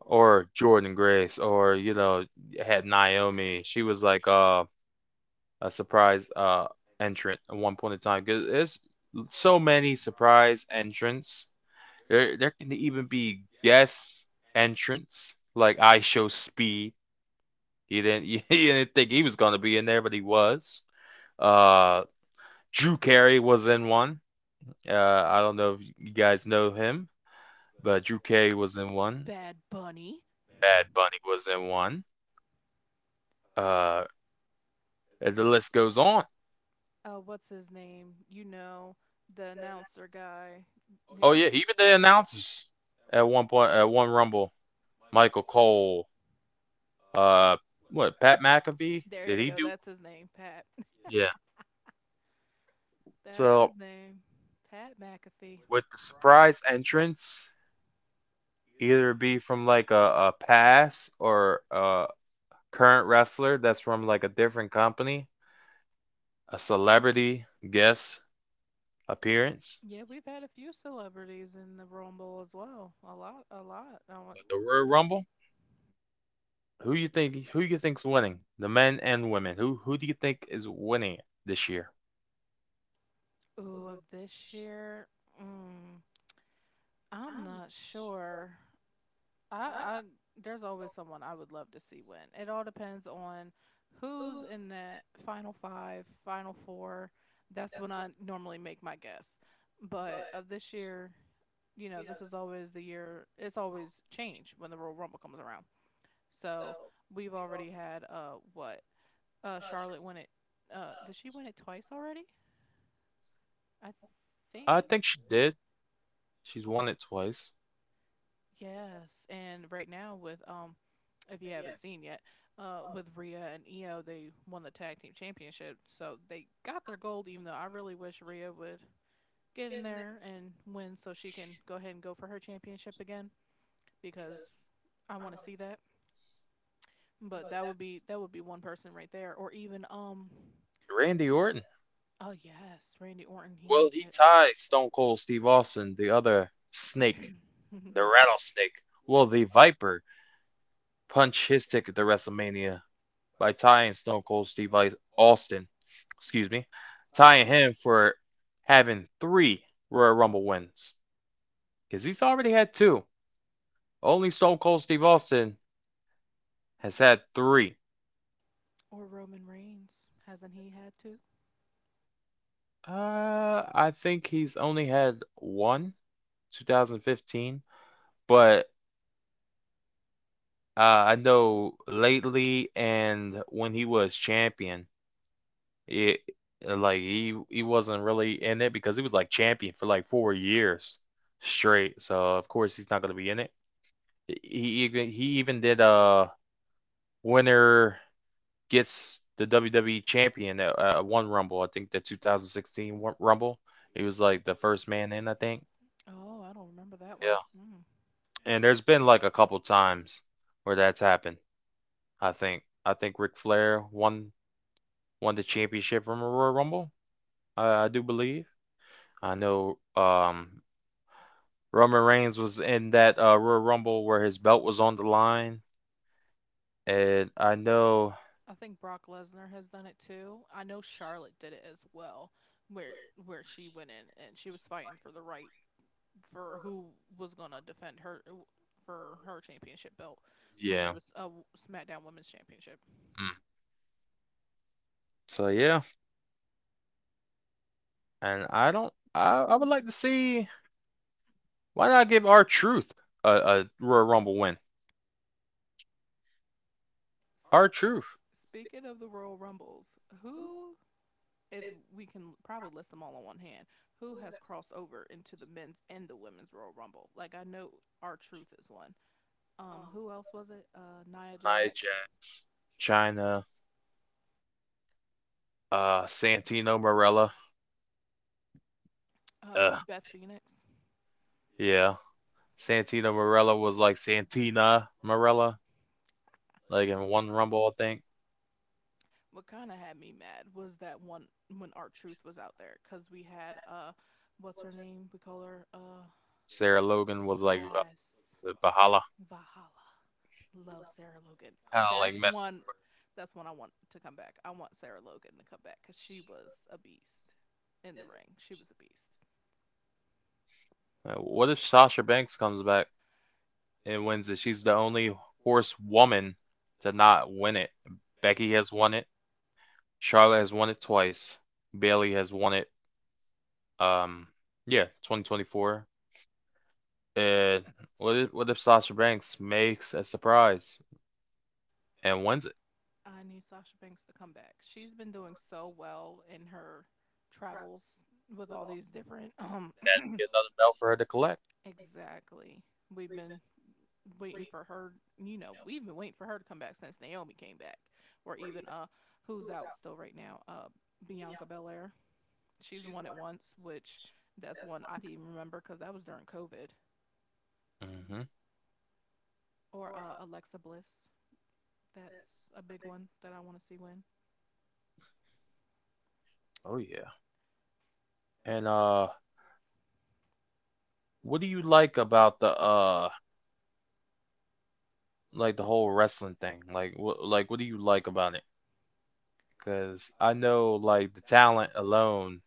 Or Jordan Grace, or you know, had Naomi. She was like uh, a surprise uh entrant at one point in time. Cause there's so many surprise entrants. There there can even be guest entrants like I Show Speed. He didn't he didn't think he was gonna be in there, but he was. Uh, Drew Carey was in one. Uh, I don't know if you guys know him, but Drew Carey was in one. Bad Bunny. Bad Bunny was in one. Uh, the list goes on. Uh, what's his name? You know, the announcer guy. Oh yeah, even the announcers at one point at one Rumble, Michael Cole, uh, what Pat McAfee There did you he go. do? That's his name, Pat. Yeah. That's So his name, Pat McAfee. with the surprise entrance, either be from like a, a pass or a current wrestler that's from like a different company, a celebrity guest appearance, Yeah, we've had a few celebrities in the Rumble as well. A lot, a lot. I want. but the Royal Rumble, who you think who you think's winning? The men and women. Who who do you think is winning this year? Ooh, of this year, mm, I'm not sure. I, I there's always someone I would love to see win. It all depends on who's in that final five, final four. That's when I normally make my guess. But of this year, you know, this is always the year. It's always change when the Royal Rumble comes around. So we've already had uh what uh Charlotte win it. Uh, did she win it twice already? I think. I think she did. She's won it twice. Yes, and right now with um, if you haven't seen yet, uh, with Rhea and Io, they won the tag team championship, so they got their gold. Even though I really wish Rhea would get in there and win, so she can go ahead and go for her championship again, because I want to see that. But that would be that would be one person right there, or even um, Randy Orton. oh yes, Randy Orton, he Well, needs he it, tied Stone Cold Steve Austin, the other snake, the rattlesnake? Well, the Viper punched his ticket to WrestleMania by tying Stone Cold Steve Austin? Excuse me, tying him for having three Royal Rumble wins because he's already had two. Only Stone Cold Steve Austin has had three. or Roman Reigns, hasn't he had to? Uh, I think he's only had one, twenty fifteen. But uh, I know lately and when he was champion, it like he he wasn't really in it because he was like champion for like four years straight. So of course he's not gonna be in it. He even he even did a winner gets the W W E champion at uh, one Rumble. I think the two thousand sixteen Rumble. He was like the first man in, I think. Oh, I don't remember that one. Yeah. Mm. And there's been like a couple times where that's happened. I think I think Ric Flair won won the championship from a Royal Rumble. I I do believe. I know um, Roman Reigns was in that uh, Royal Rumble where his belt was on the line, and I know, I think Brock Lesnar has done it too. I know Charlotte did it as well, where where she went in and she was fighting for the right for who was gonna defend her for her championship belt when she yeah. was a SmackDown Women's Championship. Mm. So yeah, and I don't. I, I would like to see, why not give our Truth a, a Royal Rumble win? S- Our Truth, Speaking of the Royal Rumbles, who if we can probably list them all on one hand, who has crossed over into the men's and the women's Royal Rumble? Like I know our truth is one. Um, who else was it? Uh, Nia Nia Jax, Jax, China, uh, Santino Marella. uh, Uh, Beth Phoenix. yeah, Santino Marella was like Santina Marella, like in one Rumble, I think. What kind of had me mad was that one when Art Truth was out there because we had uh, what's her name? We call her uh, Sarah Logan was like yes, Va- Valhalla, Valhalla. Love Sarah Logan. kind of like That's messed one. That's one I want to come back. I want Sarah Logan to come back because she was a beast in the ring. She was a beast. up. Uh, What if Sasha Banks comes back and wins it? She's the only horse woman to not win it. Becky has won it. Charlotte has won it twice. Bailey has won it. Um, yeah, twenty twenty-four. And what if, what if Sasha Banks makes a surprise and wins it? I need Sasha Banks to come back. She's been doing so well in her travels with all these different um That'd be another belt for her to collect. Exactly. We've been waiting for her, you know, we've been waiting for her to come back since Naomi came back or even uh who's out still right now? Uh Bianca Belair. She's won it once, which that's one I didn't even remember cuz that was during COVID. Hmm. Or uh Alexa Bliss. That's a big one that I want to see win. Oh yeah. And uh, what do you like about the uh, like the whole wrestling thing? Like what like what do you like about it? Because I know like the talent alone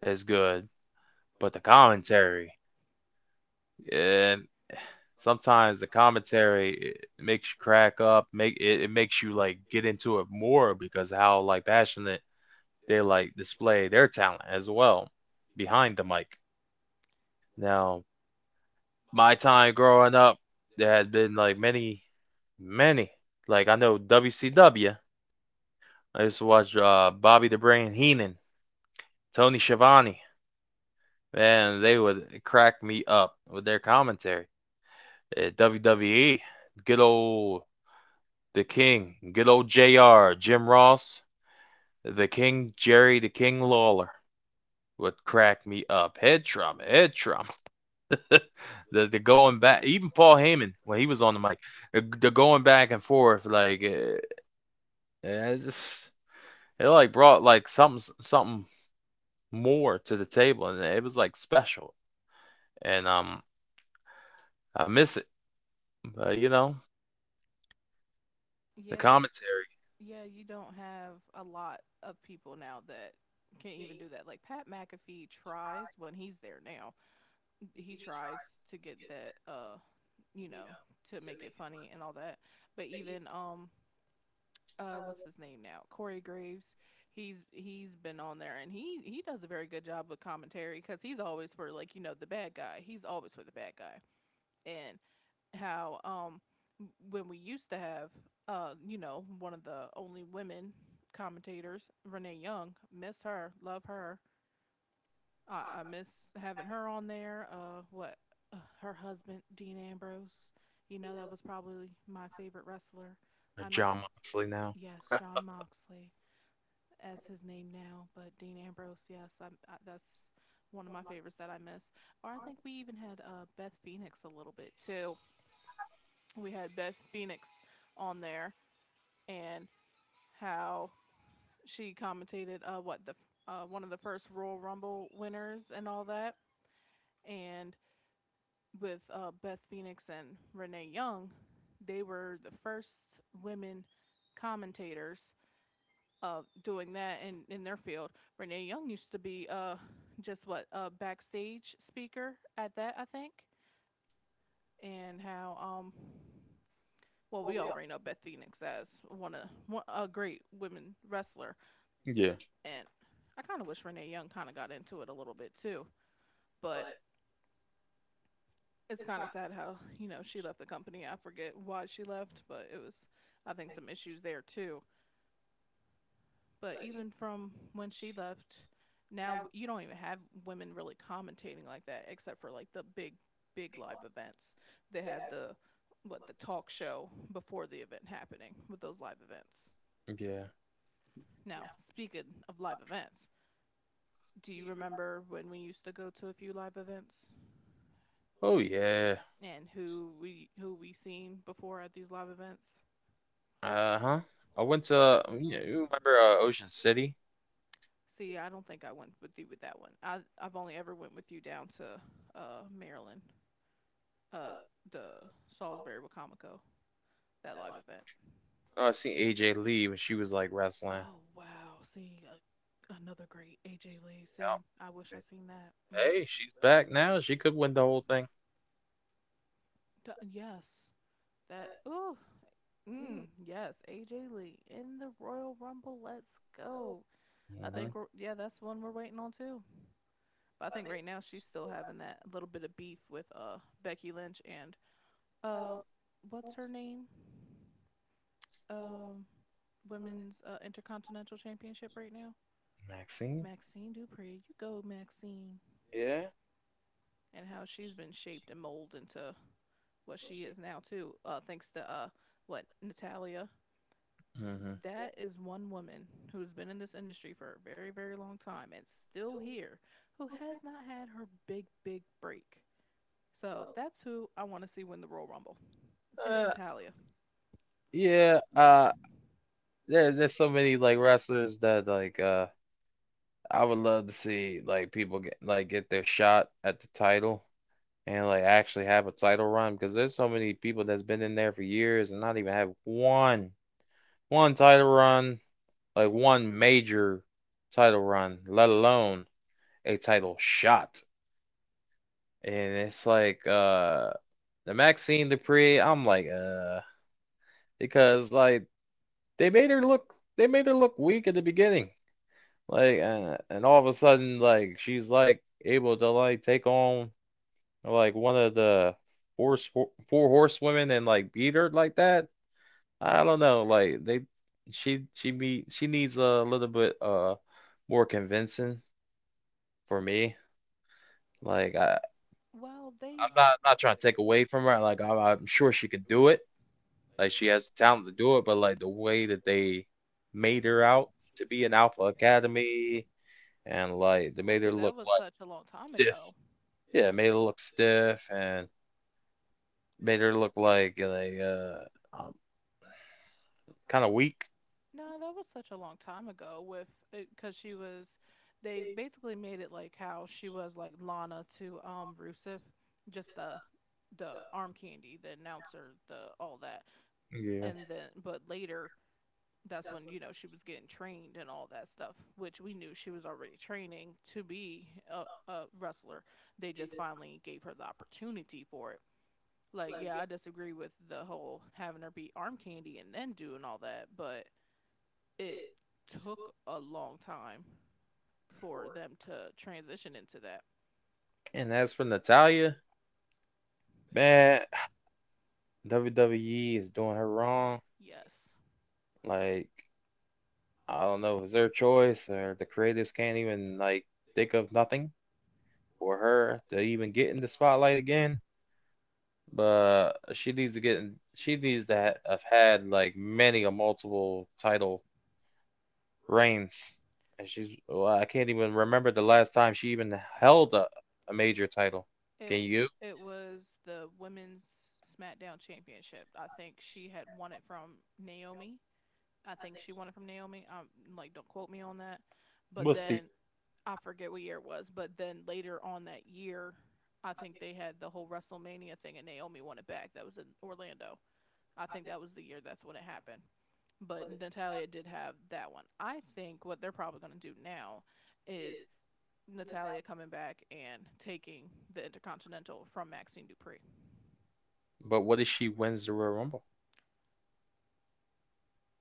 is good, but the commentary, and. Sometimes the commentary, it makes you crack up, make it, it makes you like get into it more because of how like passionate they like display their talent as well behind the mic. Now, my time growing up, there had been like many, many. Like I know W C W. I used to watch uh, Bobby the Brain Heenan, Tony Schiavone, and they would crack me up with their commentary. Uh, W W E, good old The King, good old J R, Jim Ross, the King Jerry, the King Lawler, would crack me up. Head trauma, head trauma. the, the going back, even Paul Heyman when he was on the mic, the, the going back and forth, like uh, I just, it like brought like something something more to the table, and it was like special. And um, I miss it, but you know, the Yeah, commentary. yeah, you don't have a lot of people now that can even do that. Like Pat McAfee tries when he's there now. He tries to get that uh, you know, to make it funny and all that. But even um uh what's his name now? Corey Graves. He's he's been on there and he he does a very good job with commentary cuz he's always for, like, you know, the bad guy. He's always for the bad guy. And how um when we used to have uh you know, one of the only women commentators, Renee Young, miss her, love her. I, I miss having her on there. Uh what uh, Her husband Dean Ambrose, you know, that was probably my favorite wrestler. uh, I miss, John Moxley now. yes, John Moxley as his name now, but Dean Ambrose, yes i I, that's one of my favorites that I miss. Or I think we even had uh Beth Phoenix a little bit too. We had Beth Phoenix on there, and how she commentated uh, what the uh, one of the first Royal Rumble winners and all that. And with uh, Beth Phoenix and Renee Young, they were the first women commentators of uh, doing that in, in their field. Renee Young used to be uh, just what, a backstage speaker at that, I think. And how um, well, we already know Beth Phoenix as one of one, a great women wrestler, Yeah, and I kind of wish Renee Young kind of got into it a little bit too. But it's kind of sad how, you know, she left the company. I forget why she left, but it was, I think, some issues there too. But even from when she left, now you don't even have women really commentating like that, except for like the big big live events. They have the what, the talk show before the event happening with those live events. yeah, Now, speaking of live events, do you remember when we used to go to a few live events, oh yeah. and who we who we seen before at these live events? Uh-huh. I went to, you know, you remember uh, Ocean City? See, I don't think I went with you with that one. I I've only ever went with you down to uh Maryland, uh the Salisbury Wacomico, that live event. Oh, I seen A J Lee when she was like wrestling. Oh wow! See, uh, another great A J Lee. Yeah. See, I wish I seen that. Mm. Hey, she's back now. She could win the whole thing. D- yes, that, ooh, mm, yes, A J Lee in the Royal Rumble. Let's go. I Hmm. think we're, yeah, that's one we're waiting on too. But I think right now she's still having that little bit of beef with uh Becky Lynch, and uh what's her name? Um Women's uh, intercontinental championship right now. Maxine? Maxine Dupree, you go Maxine. Yeah. And how she's been shaped and molded into what she is now too. Uh thanks to uh what, Natalia. Hmm. That is one woman who's been in this industry for a very, very long time and still here, who has not had her big, big break. So that's who I want to see win the Royal Rumble, is Uh, Natalia. yeah. Uh, there's there's so many like wrestlers that like uh I would love to see like people get like get their shot at the title and like actually have a title run, because there's so many people that's been in there for years and not even have one one title run, like one major title run, let alone a title shot. And it's like, uh, the Maxine Dupree, I'm like, uh, because like they made her look they made her look weak at the beginning. Like, uh, and all of a sudden like she's like able to like take on like one of the four four horsewomen and like beat her like that. I don't know, like they she she be she needs a little bit uh more convincing for me. Like I, Well, they I'm not not trying to take away from her. Like I'm, I'm sure she can do it. Like she has the talent to do it. But like the way that they made her out to be an Alpha Academy, and like they well made see her that look was like such a long time stiff. ago. Yeah, made her look stiff, and made her look like like uh um, kind of weak. No, that was such a long time ago with, because she was, they basically made it like how she was like Lana to um Rusev, just the the arm candy, the announcer, the all that. Yeah. And then but later that's when, you know, she was getting trained and all that stuff, which we knew she was already training to be a, a wrestler. They just finally gave her the opportunity for it. Like, yeah, I disagree with the whole having her be arm candy and then doing all that, but it took a long time for them to transition into that. And as for Natalia, man, W W E is doing her wrong. Yes. Like I don't know if it's their choice, or the creatives can't even like think of nothing for her to even get in the spotlight again. But she needs to get in, she needs to have had like many a multiple title reigns. And she's, well, I can't even remember the last time she even held a, a major title. It Can you? it was the women's SmackDown championship. I think she had won it from Naomi. I think she won it from Naomi. Um like don't quote me on that. But What's the then I forget what year it was, but then later on that year, I think they had the whole WrestleMania thing and Naomi won it back. That was in Orlando. I think that was the year, that's when it happened. But Natalia did have that one. I think what they're probably going to do now is Natalia coming back and taking the Intercontinental from Maxine Dupree. But what if she wins the Royal Rumble?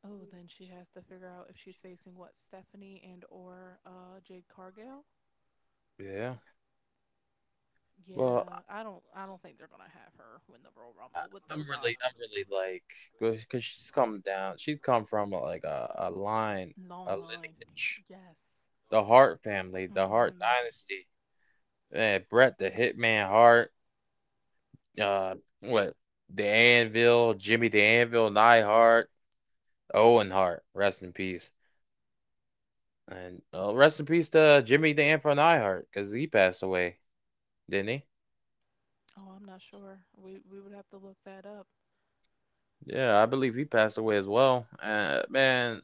Oh, then she has to figure out if she's facing what Stephanie and or uh, Jade Cargill. Yeah. Well, Yeah, I don't. I don't think they're gonna have her win the Royal I, Rumble with I'm those really, odds. I'm really like because she's come down. She's come from like a, a line, Like, a long line. lineage, Yes. the Hart family, the Hart Mhm. dynasty. Man, Brett the Hitman Hart, uh, what? The Anvil, Jimmy the Anvil, Neidhart, Owen Hart, rest in peace. And uh, rest in peace to Jimmy the Anvil Neidhart, because he passed away, didn't he? Oh, I'm not sure. We we would have to look that up. Yeah, I believe he passed away as well. Uh, man,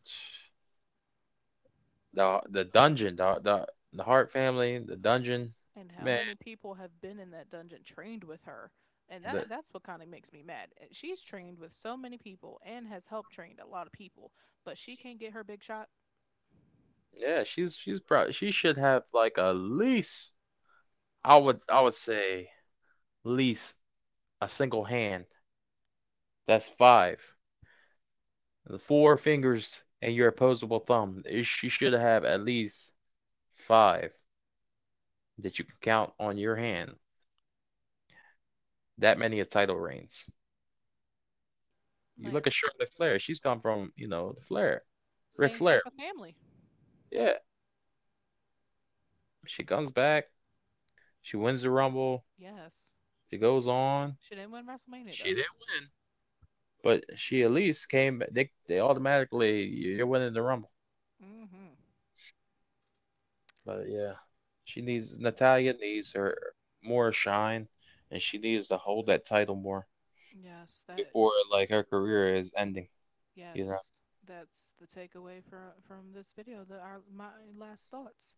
the the dungeon, the the, the Hart family, the dungeon, And how man, many people have been in that dungeon trained with her? And that the that's what kind of makes me mad. Eh, she's trained with so many people and has helped train a lot of people, but she can't get her big shot. yeah, she's she's probably she should have like at least, I would I would say least a single hand. That's five. The four fingers and your opposable thumb. You should have at least five that you can count on your hand. That many a title reigns. You Like, look at Charlotte Flair. She's come from, you know, the Flair, Ric same type Flair. of family. Yeah, she comes back. She wins the Rumble. Yes. She goes on. She didn't win WrestleMania She though. didn't win, but she at least came. They they automatically, you're winning the Rumble. Mm. Mhm. But yeah, she needs, Natalya needs her more shine, and she needs to hold that title more, Yes, that, before like her career is ending, yes. you know. That's the takeaway from from this video. That our, my last thoughts,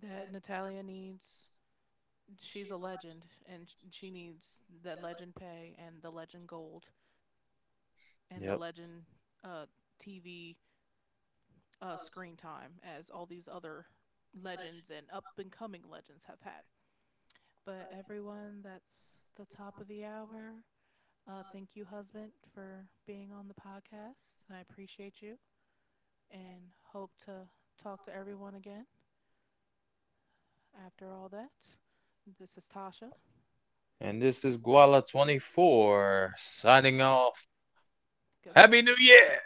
that Natalia needs, she's a legend, and she needs the legend pay and the legend gold and the Yep. legend uh, T V uh, screen time as all these other legends and up and coming legends have had. But everyone, that's the top of the hour. Uh, thank you, husband, for being on the podcast. I appreciate you and hope to talk to everyone again after all that. This is Tasha. And this is Guala twenty-four signing off. Happy New Good. Year!